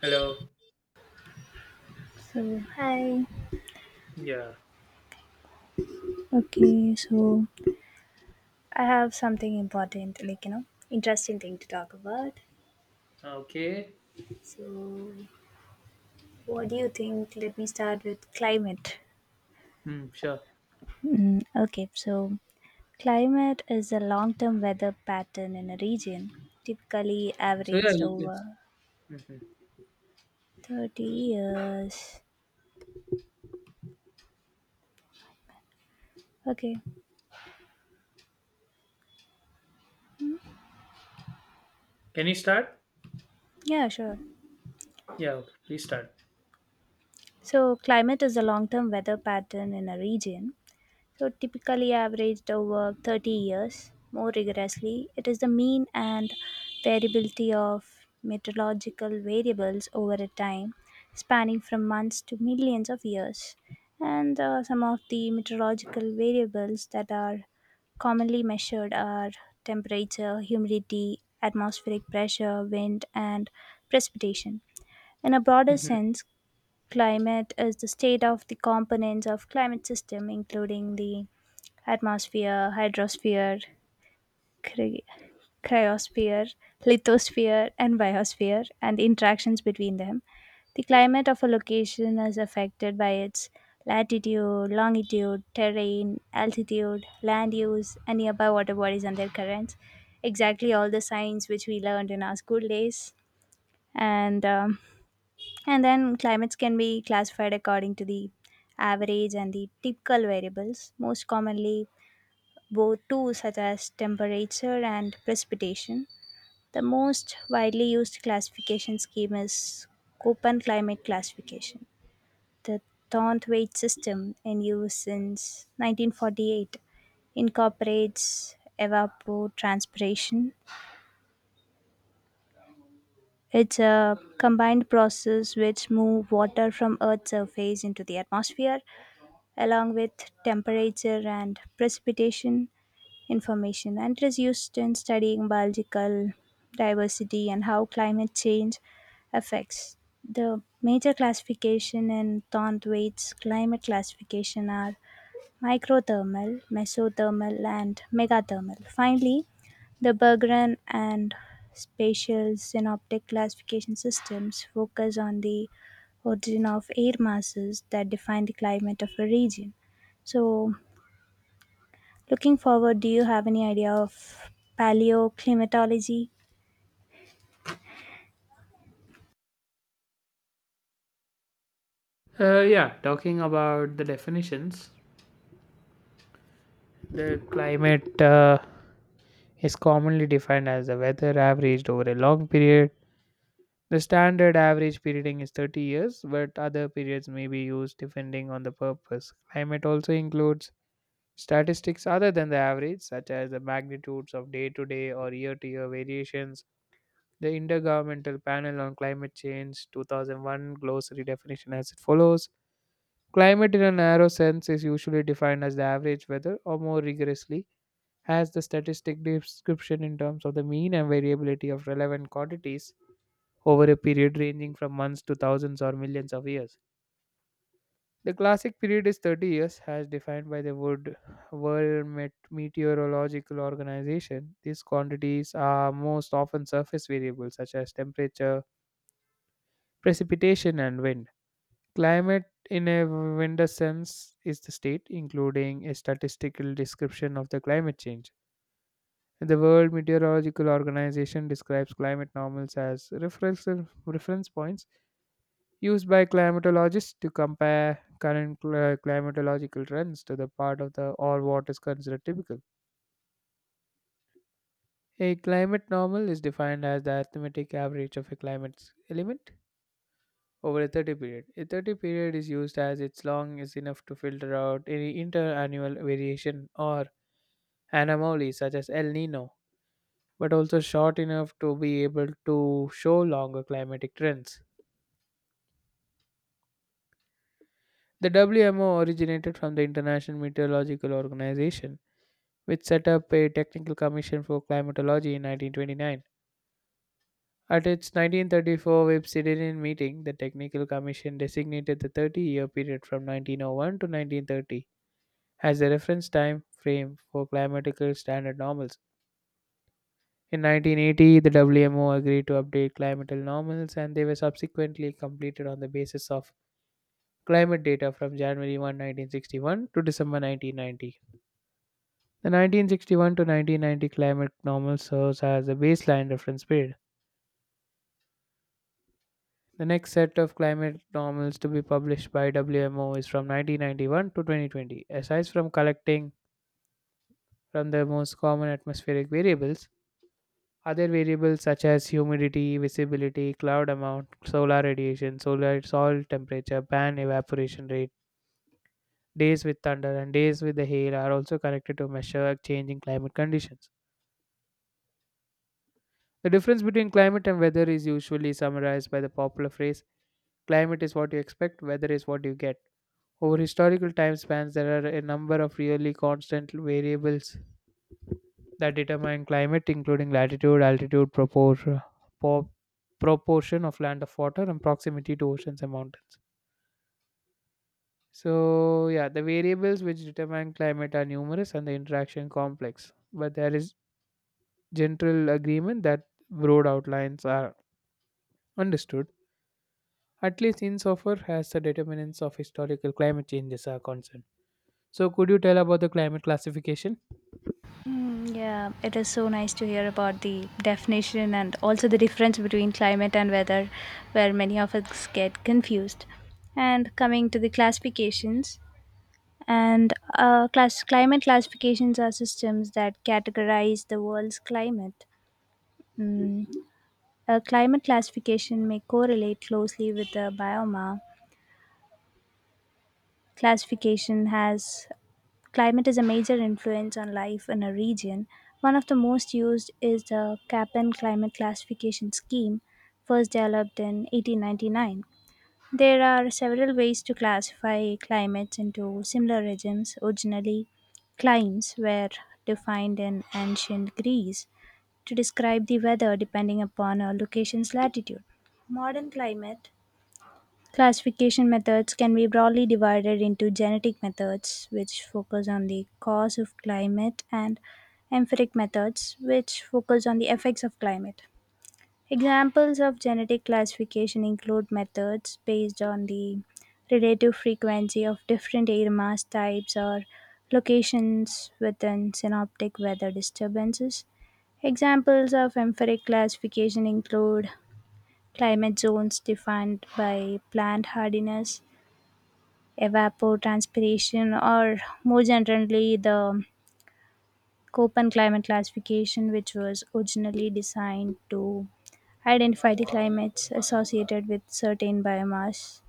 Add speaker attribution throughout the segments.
Speaker 1: Hello.
Speaker 2: So hi.
Speaker 1: Yeah.
Speaker 2: Okay, so I have something important, interesting thing to talk about.
Speaker 1: Okay.
Speaker 2: So what do you think? Let me start with climate.
Speaker 1: Hmm. Sure.
Speaker 2: Okay, so climate is a long-term weather pattern in a region, typically
Speaker 1: So yeah,
Speaker 2: averaged
Speaker 1: you can.
Speaker 2: over
Speaker 1: Mhm.
Speaker 2: 30 years. Okay.
Speaker 1: Can you start?
Speaker 2: Yeah, sure.
Speaker 1: Yeah. Okay. Please start.
Speaker 2: So, climate is a long term weather pattern in a region, so typically averaged over 30 years. More rigorously, it is the mean and variability of meteorological variables over a time spanning from months to millions of years. And some of the meteorological variables that are commonly measured are temperature, humidity, atmospheric pressure, wind, and precipitation. In a broader
Speaker 1: Mhm.
Speaker 2: sense, climate is the state of the components of climate system including the atmosphere, hydrosphere, cry- cryosphere, lithosphere and biosphere and the interactions between them. The climate of a location is affected by its latitude, longitude, terrain, altitude, land use and nearby water bodies and their currents. Exactly all the science which we learned in our school days and um, and then climates can be classified according to the average and the typical variables, most commonly both two such as temperature and precipitation. The most widely used classification scheme is Köppen climate classification. The Thornthwaite system in use since 1948 incorporates evapotranspiration. It's a combined process which move water from Earth's surface into the atmosphere along with temperature and precipitation information. And it is used in studying biological diversity and how climate change affects. The major classification in Thornthwaite's climate classification are microthermal, mesothermal, and megathermal. Finally, the Berggren and spatial synoptic classification systems focus on the origin of air masses that define the climate of a region. So, looking forward, do you have any idea of paleoclimatology?
Speaker 1: Yeah. Talking about the definitions, the climate is commonly defined as the weather averaged over a long period. The standard average perioding is 30 years, but other periods may be used depending on the purpose. Climate also includes statistics other than the average, such as the magnitudes of day to day or year to year variations. The Intergovernmental Panel on Climate Change 2001 glossary definition as it follows. Climate in a narrow sense is usually defined as the average weather, or more rigorously, as the statistic description in terms of the mean and variability of relevant quantities over a period ranging from months to thousands or millions of years. The classic period is 30 years, as defined by the Wood World Meteorological Organization. These quantities are most often surface variables such as temperature, precipitation and wind. Climate, in a wider sense, is the state, including a statistical description of the climate change. The World Meteorological Organization describes climate normals as reference points used by climatologists to compare current climatological trends to the part of the or what is considered typical. A climate normal is defined as the arithmetic average of a climate's element over a 30 period. A 30 period is used as its long is enough to filter out any interannual variation or anomaly such as El Nino, but also short enough to be able to show longer climatic trends. The WMO originated from the International Meteorological Organization, which set up a technical commission for climatology in 1929. At its 1934 Websidian meeting, the Technical Commission designated the 30-year period from 1901 to 1930 as a reference time frame for climatical standard normals. In 1980, the WMO agreed to update climatical normals and they were subsequently completed on the basis of climate data from January 1, 1961 to December 1990. The 1961 to 1990 climate normal serves as a baseline reference period. The next set of climate normals to be published by WMO is from 1991 to 2020. Aside from collecting from the most common atmospheric variables, other variables such as humidity, visibility, cloud amount, solar radiation, solar soil temperature, pan evaporation rate, days with thunder, and days with the hail are also connected to measure changing climate conditions. The difference between climate and weather is usually summarized by the popular phrase: climate is what you expect, weather is what you get. Over historical time spans, there are a number of really constant variables that determine climate, including latitude, altitude, proportion of land of water, and proximity to oceans and mountains. So, yeah, the variables which determine climate are numerous and the interaction complex, but there is general agreement that broad outlines are understood, at least insofar as the determinants of historical climate changes are concerned. So, could you tell about the climate classification?
Speaker 2: Mm, yeah, it is so nice to hear about the definition and also the difference between climate and weather, where many of us get confused. And coming to the classifications, and class climate classifications are systems that categorize the world's climate. Mm, a climate classification may correlate closely with the bioma. Classification has climate is a major influence on life in a region. One of the most used is the Köppen climate classification scheme, first developed in 1899. There are several ways to classify climates into similar regimes. Originally, climes were defined in ancient Greece to describe the weather depending upon a location's latitude. Modern climate classification methods can be broadly divided into genetic methods, which focus on the cause of climate, and empiric methods, which focus on the effects of climate. Examples of genetic classification include methods based on the relative frequency of different air mass types or locations within synoptic weather disturbances. Examples of empiric classification include climate zones defined by plant hardiness, evapotranspiration, or more generally, the Köppen climate classification, which was originally designed to identify the climates associated with certain biomass.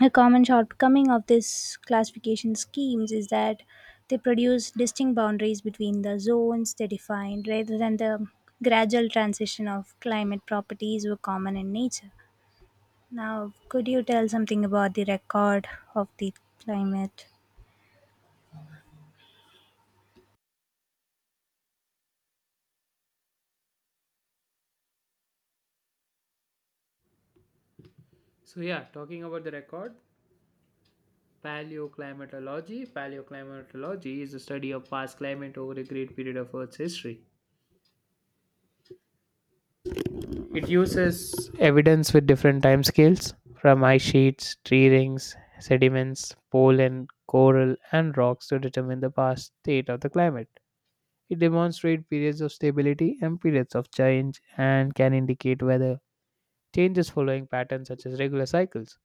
Speaker 2: A common shortcoming of these classification schemes is that they produce distinct boundaries between the zones they define rather than the gradual transition of climate properties were common in nature. Now, could you tell something about the record of the climate?
Speaker 1: So, yeah, talking about the record. Paleoclimatology. Paleoclimatology is the study of past climate over a great period of Earth's history. It uses evidence with different time scales from ice sheets, tree rings, sediments, pollen, coral, and rocks to determine the past state of the climate. It demonstrates periods of stability and periods of change and can indicate whether changes following patterns such as regular cycles.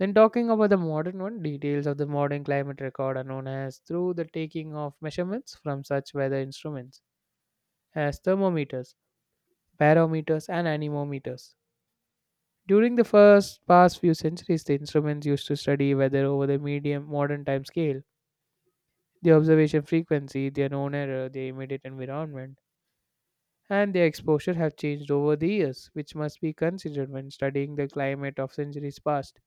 Speaker 1: Then talking about the modern one, details of the modern climate record are known as through the taking of measurements from such weather instruments as thermometers, barometers, and anemometers. During the first past few centuries, the instruments used to study weather over the medium modern time scale. The observation frequency, their known error, their immediate environment, and their exposure have changed over the years, which must be considered when studying the climate of centuries past.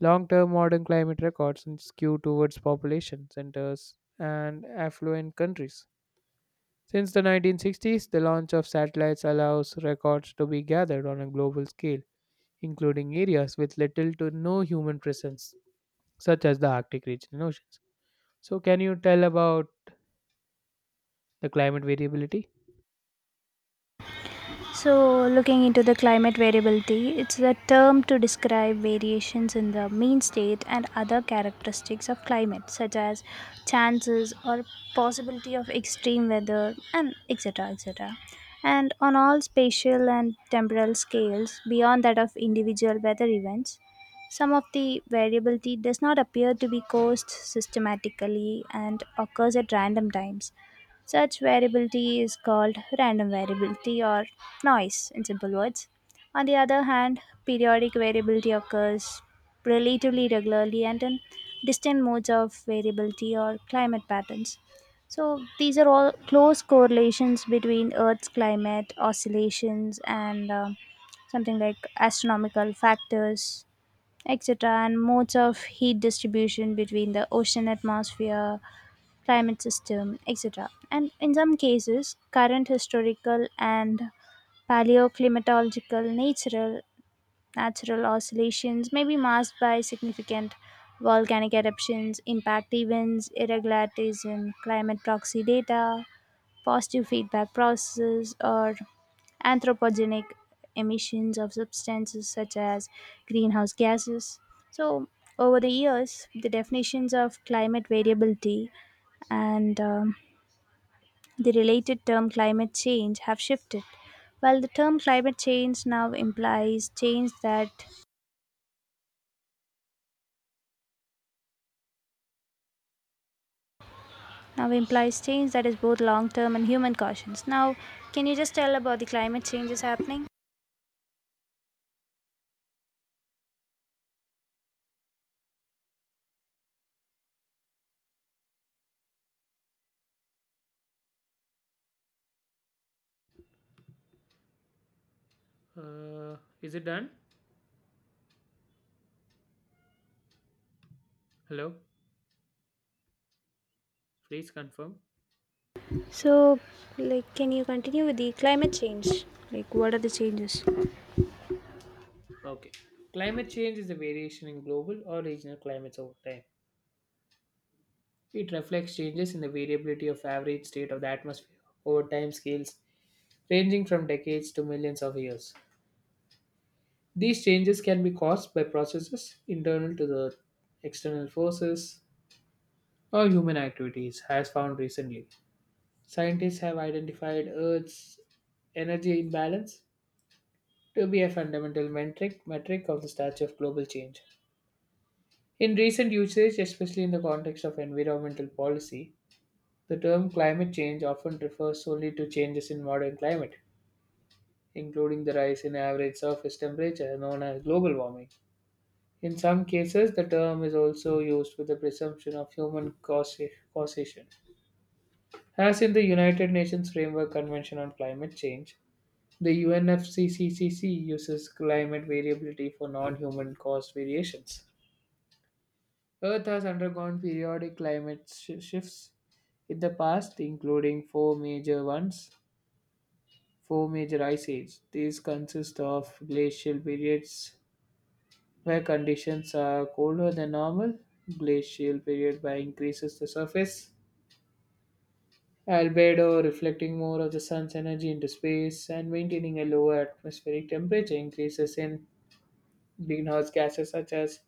Speaker 1: Long-term modern climate records skew towards population centers and affluent countries. Since the 1960s, the launch of satellites allows records to be gathered on a global scale, including areas with little to no human presence, such as the Arctic region and oceans. So, can you tell about the climate variability?
Speaker 2: So, looking into the climate variability, it's a term to describe variations in the mean state and other characteristics of climate, such as chances or possibility of extreme weather, and et cetera, et cetera. And on all spatial and temporal scales, beyond that of individual weather events, some of the variability does not appear to be caused systematically and occurs at random times. Such variability is called random variability or noise in simple words. On the other hand, periodic variability occurs relatively regularly and in distinct modes of variability or climate patterns. So, these are all close correlations between Earth's climate oscillations and something like astronomical factors, etc., and modes of heat distribution between the ocean atmosphere climate system, etc. And in some cases, current historical and paleoclimatological, natural oscillations may be masked by significant volcanic eruptions, impact events, irregularities in climate proxy data, positive feedback processes or anthropogenic emissions of substances such as greenhouse gases. So, over the years, the definitions of climate variability and the related term climate change have shifted. While the term climate change now implies change that is both long term and human cautions. Now, can you just tell about the climate changes happening?
Speaker 1: Uh, is it done? Hello? Please confirm.
Speaker 2: So, like, can you continue with the climate change? Like, what are the changes?
Speaker 1: Okay. Climate change is a variation in global or regional climates over time. It reflects changes in the variability of average state of the atmosphere over time scales ranging from decades to millions of years. These changes can be caused by processes internal to the earth, external forces, or human activities, as found recently. Scientists have identified Earth's energy imbalance to be a fundamental metric of the stature of global change. In recent usage, especially in the context of environmental policy, the term climate change often refers solely to changes in modern climate, including the rise in average surface temperature known as global warming. In some cases, the term is also used with the presumption of human causation, as in the United Nations Framework Convention on Climate Change. The UNFCCCC uses climate variability for non human caused variations. Earth has undergone periodic climate shifts in the past, including four major ones, four major ice ages. These consist of glacial periods where conditions are colder than normal, glacial period by increases the surface albedo, reflecting more of the sun's energy into space and maintaining a lower atmospheric temperature. Increases in greenhouse gases such as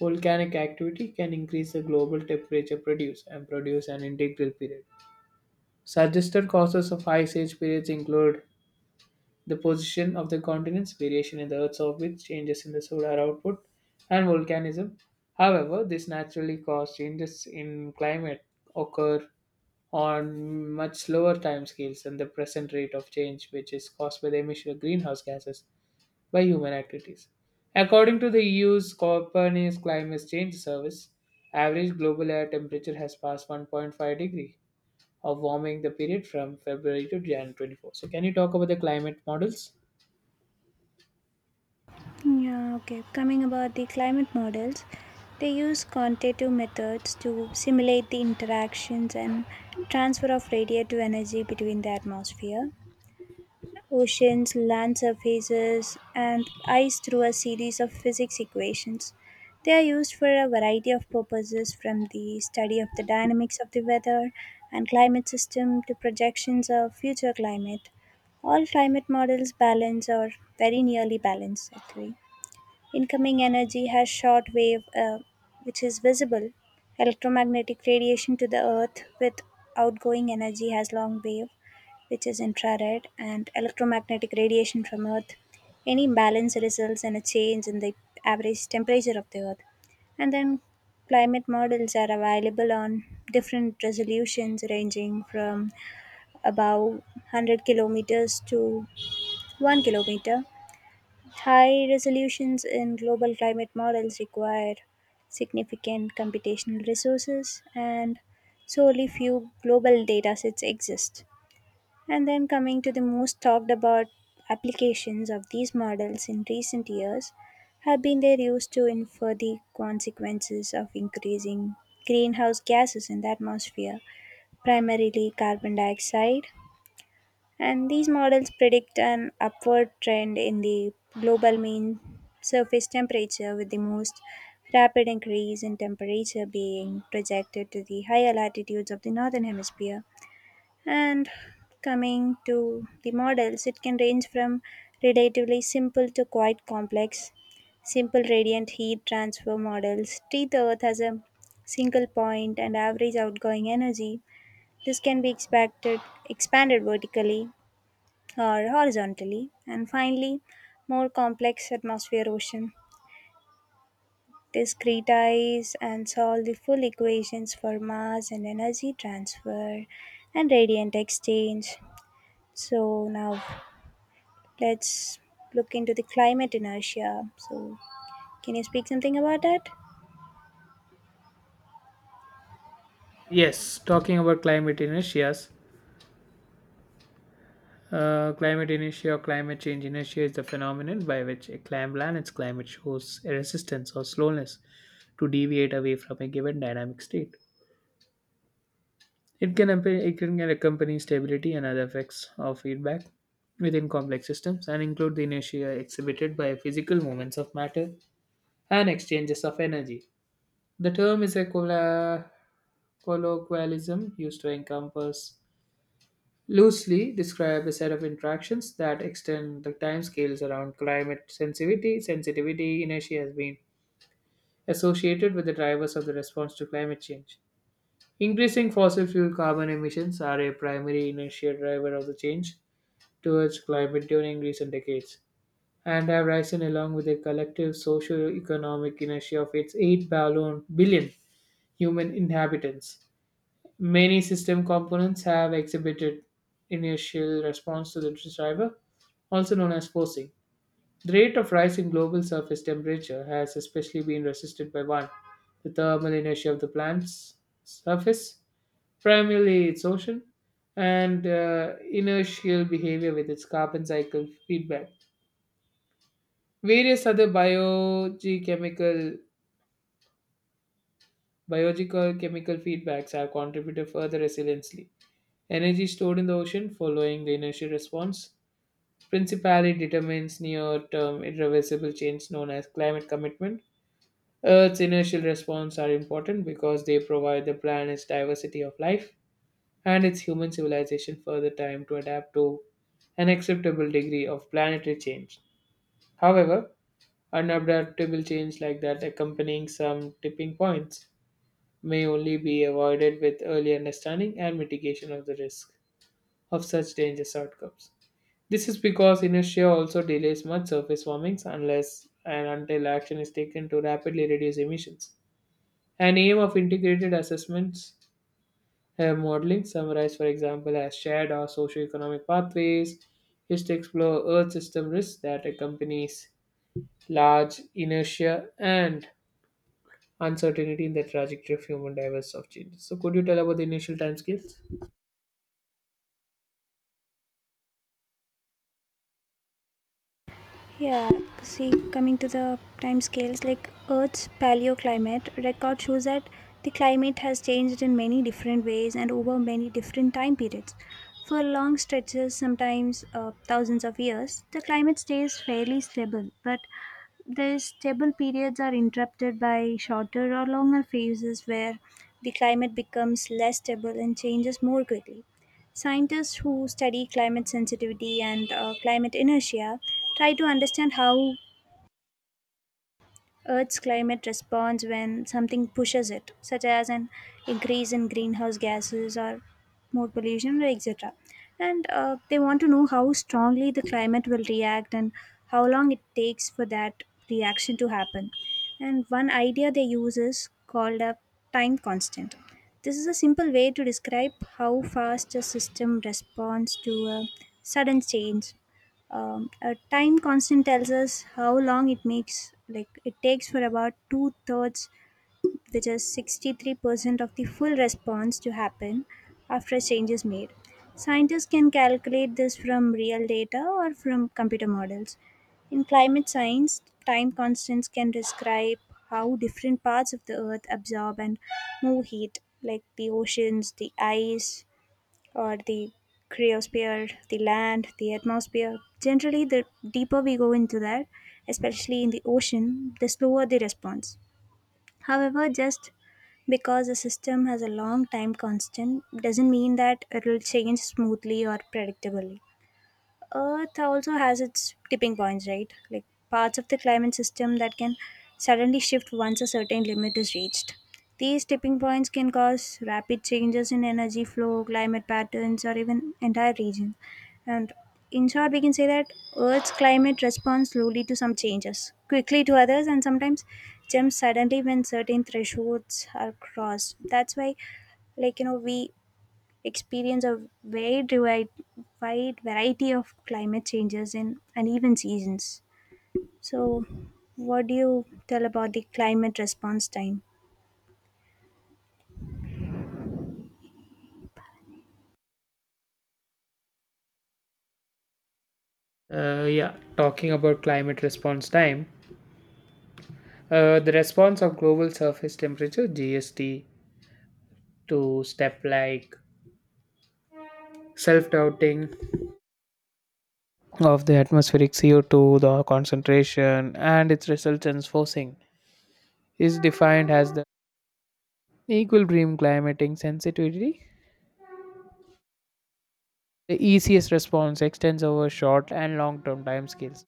Speaker 1: volcanic activity can increase the global temperature produced and produce an integral period. Suggested causes of ice age periods include the position of the continents, variation in the Earth's orbit, changes in the solar output, and volcanism. However, these naturally caused changes in climate occur on much slower timescales than the present rate of change, which is caused by the emission of greenhouse gases by human activities. According to the EU's Copernicus Climate Change Service, average global air temperature has passed 1.5 degree of warming the period from February to January 24. So, can you talk about the climate models?
Speaker 2: Yeah, okay. Coming about the climate models, they use quantitative methods to simulate the interactions and transfer of radiative energy between the atmosphere, oceans, land surfaces, and ice through a series of physics equations. They are used for a variety of purposes from the study of the dynamics of the weather and climate system to projections of future climate. All climate models balance or very nearly balance actually. Incoming energy has short wave, which is visible, electromagnetic radiation to the earth, with outgoing energy has long wave which is infrared, and electromagnetic radiation from Earth. Any imbalance results in a change in the average temperature of the Earth. And then climate models are available on different resolutions ranging from about 100 kilometers to 1 kilometer. High resolutions in global climate models require significant computational resources, and solely few global datasets exist. And then coming to the most talked about applications of these models in recent years have been their use to infer the consequences of increasing greenhouse gases in the atmosphere, primarily carbon dioxide. And these models predict an upward trend in the global mean surface temperature, with the most rapid increase in temperature being projected to the higher latitudes of the northern hemisphere. And coming to the models, it can range from relatively simple to quite complex. Simple radiant heat transfer models treat the Earth as a single point and average outgoing energy. This can be expected expanded vertically or horizontally. And finally, more complex atmosphere ocean discretize and solve the full equations for mass and energy transfer and radiant exchange. So now let's look into the climate inertia. So can you speak something about that?
Speaker 1: Yes, talking about climate inertias. Climate inertia or climate change inertia is the phenomenon by which a planet's climate shows a resistance or slowness to deviate away from a given dynamic state. It can accompany stability and other effects of feedback within complex systems and include the inertia exhibited by physical movements of matter and exchanges of energy. The term is a colloquialism used to encompass loosely describe a set of interactions that extend the timescales around climate sensitivity. Sensitivity inertia has been associated with the drivers of the response to climate change. Increasing fossil fuel carbon emissions are a primary inertia driver of the change towards climate during recent decades and have risen along with the collective socio-economic inertia of its 8 billion human inhabitants. Many system components have exhibited inertial response to the driver, also known as forcing. The rate of rise in global surface temperature has especially been resisted by one, the thermal inertia of the planet's surface, primarily its ocean, and inertial behavior with its carbon cycle feedback. Various other biogeochemical, biological chemical feedbacks have contributed further resiliency. Energy stored in the ocean following the inertial response principally determines near term irreversible change known as climate commitment. Earth's inertial response are important because they provide the planet's diversity of life and its human civilization further time to adapt to an acceptable degree of planetary change. However, unadaptable change like that accompanying some tipping points may only be avoided with early understanding and mitigation of the risk of such dangerous outcomes. This is because inertia also delays much surface warmings unless and until action is taken to rapidly reduce emissions. An aim of integrated assessments modeling summarized, for example, as shared or socioeconomic pathways is to explore Earth system risks that accompanies large inertia and uncertainty in the trajectory of human diverse of changes. So, could you tell about the initial timescales?
Speaker 2: Yeah, see, coming to the time scales, like Earth's paleoclimate record shows that the climate has changed in many different ways and over many different time periods. For long stretches, sometimes thousands of years, the climate stays fairly stable, but these stable periods are interrupted by shorter or longer phases where the climate becomes less stable and changes more quickly. Scientists who study climate sensitivity and climate inertia try to understand how Earth's climate responds when something pushes it, such as an increase in greenhouse gases or more pollution, etc. And they want to know how strongly the climate will react and how long it takes for that reaction to happen. And one idea they use is called a time constant. This is a simple way to describe how fast a system responds to a sudden change. A time constant tells us how long it makes like it takes for about two thirds, which is 63% of the full response to happen after a change is made. Scientists can calculate this from real data or from computer models. In climate science, time constants can describe how different parts of the earth absorb and move heat, like the oceans, the ice, or the cryosphere, the land, the atmosphere. Generally, the deeper we go into that, especially in the ocean, the slower the response. However, just because a system has a long time constant doesn't mean that it will change smoothly or predictably. Earth also has its tipping points, right? Like parts of the climate system that can suddenly shift once a certain limit is reached. These tipping points can cause rapid changes in energy flow, climate patterns, or even entire regions. And in short, we can say that Earth's climate responds slowly to some changes, quickly to others, and sometimes jumps suddenly when certain thresholds are crossed. That's why, like, we experience a wide, wide, wide variety of climate changes in uneven seasons. So, what do you tell about the climate response time?
Speaker 1: Yeah, talking about climate response time. The response of global surface temperature (GST) to step like self-doubting of the atmospheric CO2, the concentration, and its resultant forcing is defined as the equilibrium climatic sensitivity. The ECS response extends over short and long-term timescales.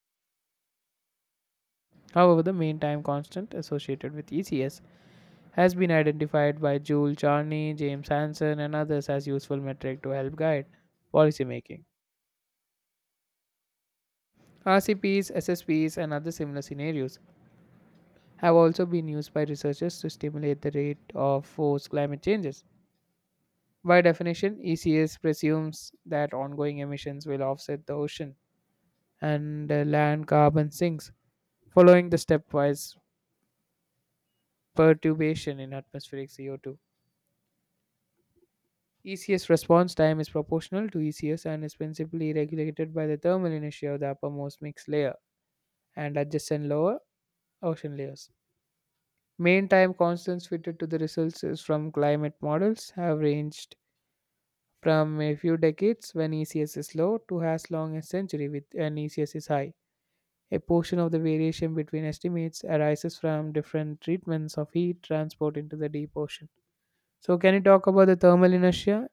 Speaker 1: However, the mean time constant associated with ECS has been identified by Joule Charney, James Hansen, and others as useful metric to help guide policymaking. RCPs, SSPs, and other similar scenarios have also been used by researchers to stimulate the rate of forced climate changes. By definition, ECS presumes that ongoing emissions will offset the ocean and land carbon sinks following the stepwise perturbation in atmospheric CO2. ECS response time is proportional to ECS and is principally regulated by the thermal inertia of the uppermost mixed layer and adjacent lower ocean layers. Main time constants fitted to the results from climate models have ranged from a few decades when ECS is low to as long as century with an ECS is high. A portion of the variation between estimates arises from different treatments of heat transport into the deep ocean. So, can you talk about the thermal inertia?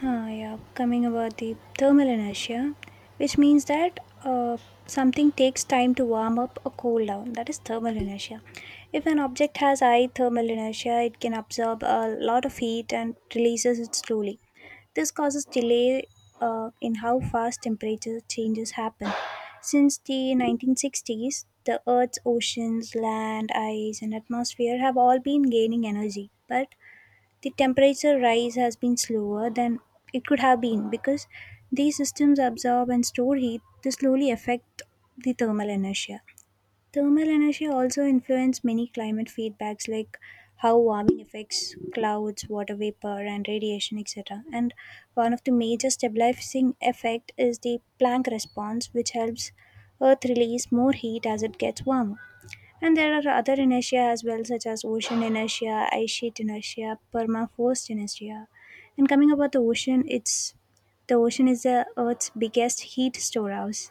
Speaker 2: Huh, yeah, coming about the thermal inertia, which means that something takes time to warm up or cool down. That is thermal inertia. If an object has high thermal inertia, it can absorb a lot of heat and releases it slowly. This causes delay in how fast temperature changes happen. Since the 1960s, the Earth's oceans, land, ice, and atmosphere have all been gaining energy, but the temperature rise has been slower than it could have been because these systems absorb and store heat to slowly affect the thermal inertia. Thermal inertia also influences many climate feedbacks like how warming affects clouds, water vapor and radiation etc. And one of the major stabilizing effect is the Planck response which helps earth release more heat as it gets warmer. And there are other inertia as well, such as ocean inertia, ice sheet inertia, permafrost inertia. And coming about the ocean, it's the ocean is the Earth's biggest heat storehouse.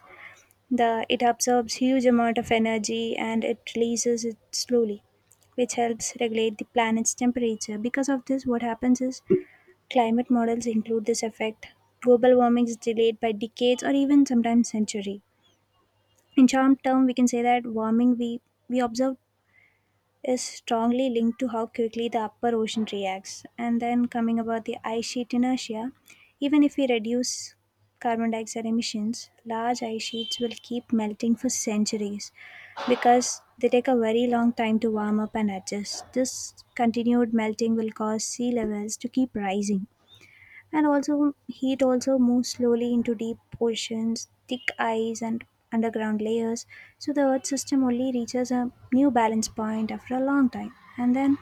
Speaker 2: The, it absorbs huge amount of energy and it releases it slowly, which helps regulate the planet's temperature. Because of this, what happens is climate models include this effect. Global warming is delayed by decades or even sometimes century. In short term, we can say that warming we observe is strongly linked to how quickly the upper ocean reacts. And then coming about the ice sheet inertia, even if we reduce carbon dioxide emissions, large ice sheets will keep melting for centuries because they take a very long time to warm up and adjust. This continued melting will cause sea levels to keep rising and also heat also moves slowly into deep oceans, thick ice, and underground layers. So the Earth system only reaches a new balance point after a long time. And then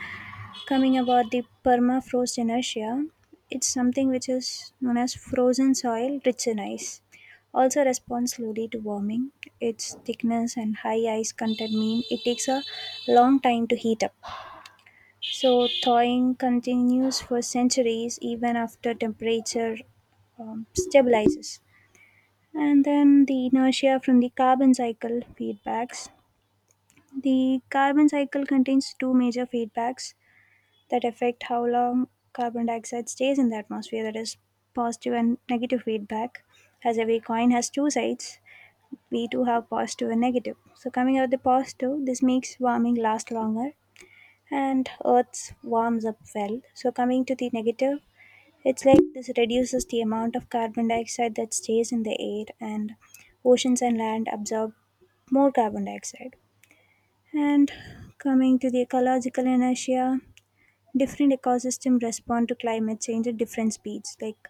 Speaker 2: coming about the permafrost inertia, it's something which is known as frozen soil rich in ice. Also responds slowly to warming. Its thickness and high ice content mean it takes a long time to heat up. So thawing continues for centuries even after temperature stabilizes. And then the inertia from the carbon cycle feedbacks. The carbon cycle contains two major feedbacks that affect how long carbon dioxide stays in the atmosphere, that is, positive and negative feedback. As every coin has two sides, we do have positive and negative. So, coming out the positive, this makes warming last longer and earth warms up well. So coming to the negative, it's like this reduces the amount of carbon dioxide that stays in the air, and oceans and land absorb more carbon dioxide. And coming to the ecological inertia, different ecosystems respond to climate change at different speeds. Like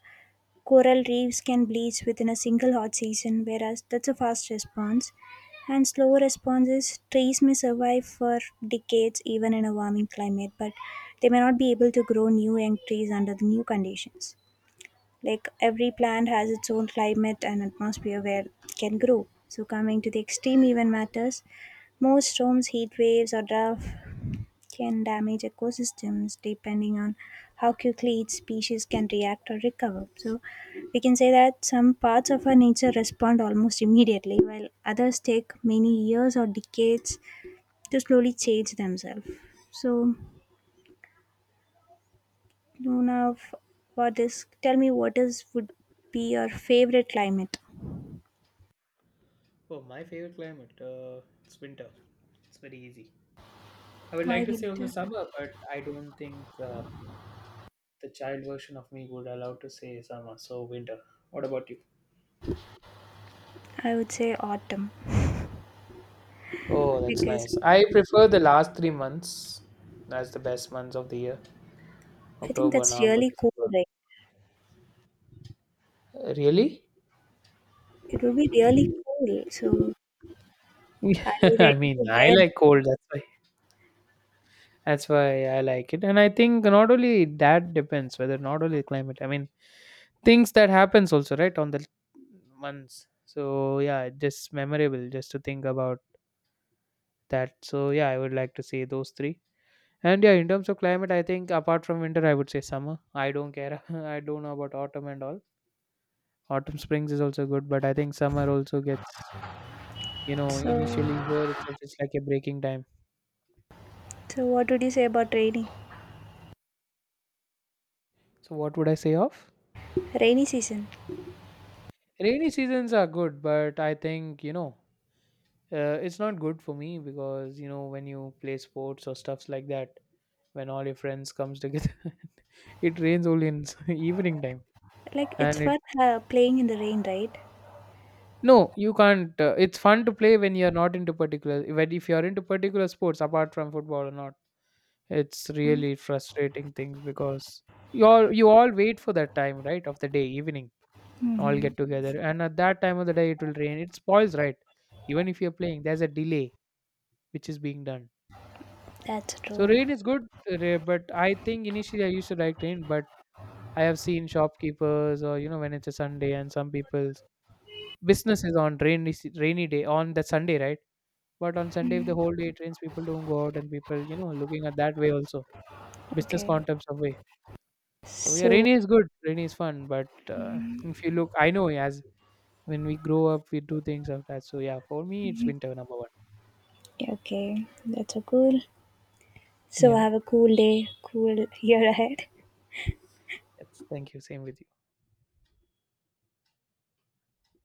Speaker 2: coral reefs can bleach within a single hot season, whereas that's a fast response. And slow response is trees may survive for decades even in a warming climate, but they may not be able to grow new young trees under the new conditions. Like every plant has its own climate and atmosphere where it can grow. So coming to the extreme event matters, most storms, heat waves, or drought can damage ecosystems depending on how quickly each species can react or recover. So, we can say that some parts of our nature respond almost immediately, while others take many years or decades to slowly change themselves. So, Luna, for this, tell me what is would be your favorite climate?
Speaker 1: Oh, my favorite climate. It's winter. It's very easy. I would
Speaker 2: Why
Speaker 1: like to say also
Speaker 2: winter?
Speaker 1: summer, but I don't think the child version of me would allow to say summer. So winter. What about you?
Speaker 2: I would say autumn
Speaker 1: Oh, that's
Speaker 2: because
Speaker 1: nice. I prefer the last 3 months. That's the best months of the year.
Speaker 2: I think
Speaker 1: October,
Speaker 2: that's
Speaker 1: November,
Speaker 2: really cool,
Speaker 1: December.
Speaker 2: right?
Speaker 1: Really?
Speaker 2: It would be really cool. So, are you
Speaker 1: I
Speaker 2: ready to
Speaker 1: mean, I
Speaker 2: wear? It?
Speaker 1: like cold. That's why. That's why I like it. And I think not only that depends whether not only the climate. I mean, things that happens also right on the months. So yeah, just memorable, just to think about that. So yeah, I would like to say those three. And yeah, in terms of climate, I think apart from winter I would say summer. I don't care. I don't know about autumn and all. Autumn springs is also good, but I think summer also gets, initially
Speaker 2: So,
Speaker 1: here itself it's like a breaking time.
Speaker 2: What would you say about rainy
Speaker 1: So what would I say of
Speaker 2: rainy season?
Speaker 1: rainy seasons? Are good, but I think, it's not good for me because, when you play sports or stuffs like that, when all your friends comes together it rains only in evening time.
Speaker 2: Like it's
Speaker 1: And it,
Speaker 2: fun playing in the rain, right?
Speaker 1: no, you can't. It's fun to play when you're not into particular, but if you're into particular sports apart from football or not, it's really frustrating things because you all wait for that time, right, of the day evening, all
Speaker 2: Mm-hmm.
Speaker 1: get together and at that time of the day it will rain. It spoils, right? Even if you're playing, there's a delay which is being done.
Speaker 2: That's
Speaker 1: So
Speaker 2: true.
Speaker 1: rain is good, but I think initially I used to like rain. But I have seen shopkeepers, or, when it's a Sunday and some people's business is on rainy day on that Sunday, right? But on Sunday, if the whole day it rains, people don't go out and people, looking at that way, also business
Speaker 2: Okay.
Speaker 1: concepts of way. So yeah,
Speaker 2: So
Speaker 1: rainy is good, rainy is fun. But if you look, I know as when we grow up, we do things of that. So yeah, for me, it's winter number one.
Speaker 2: okay, that's so cool. So I
Speaker 1: Yeah,
Speaker 2: have a cool day, cool year ahead.
Speaker 1: that's, thank you. Same with you.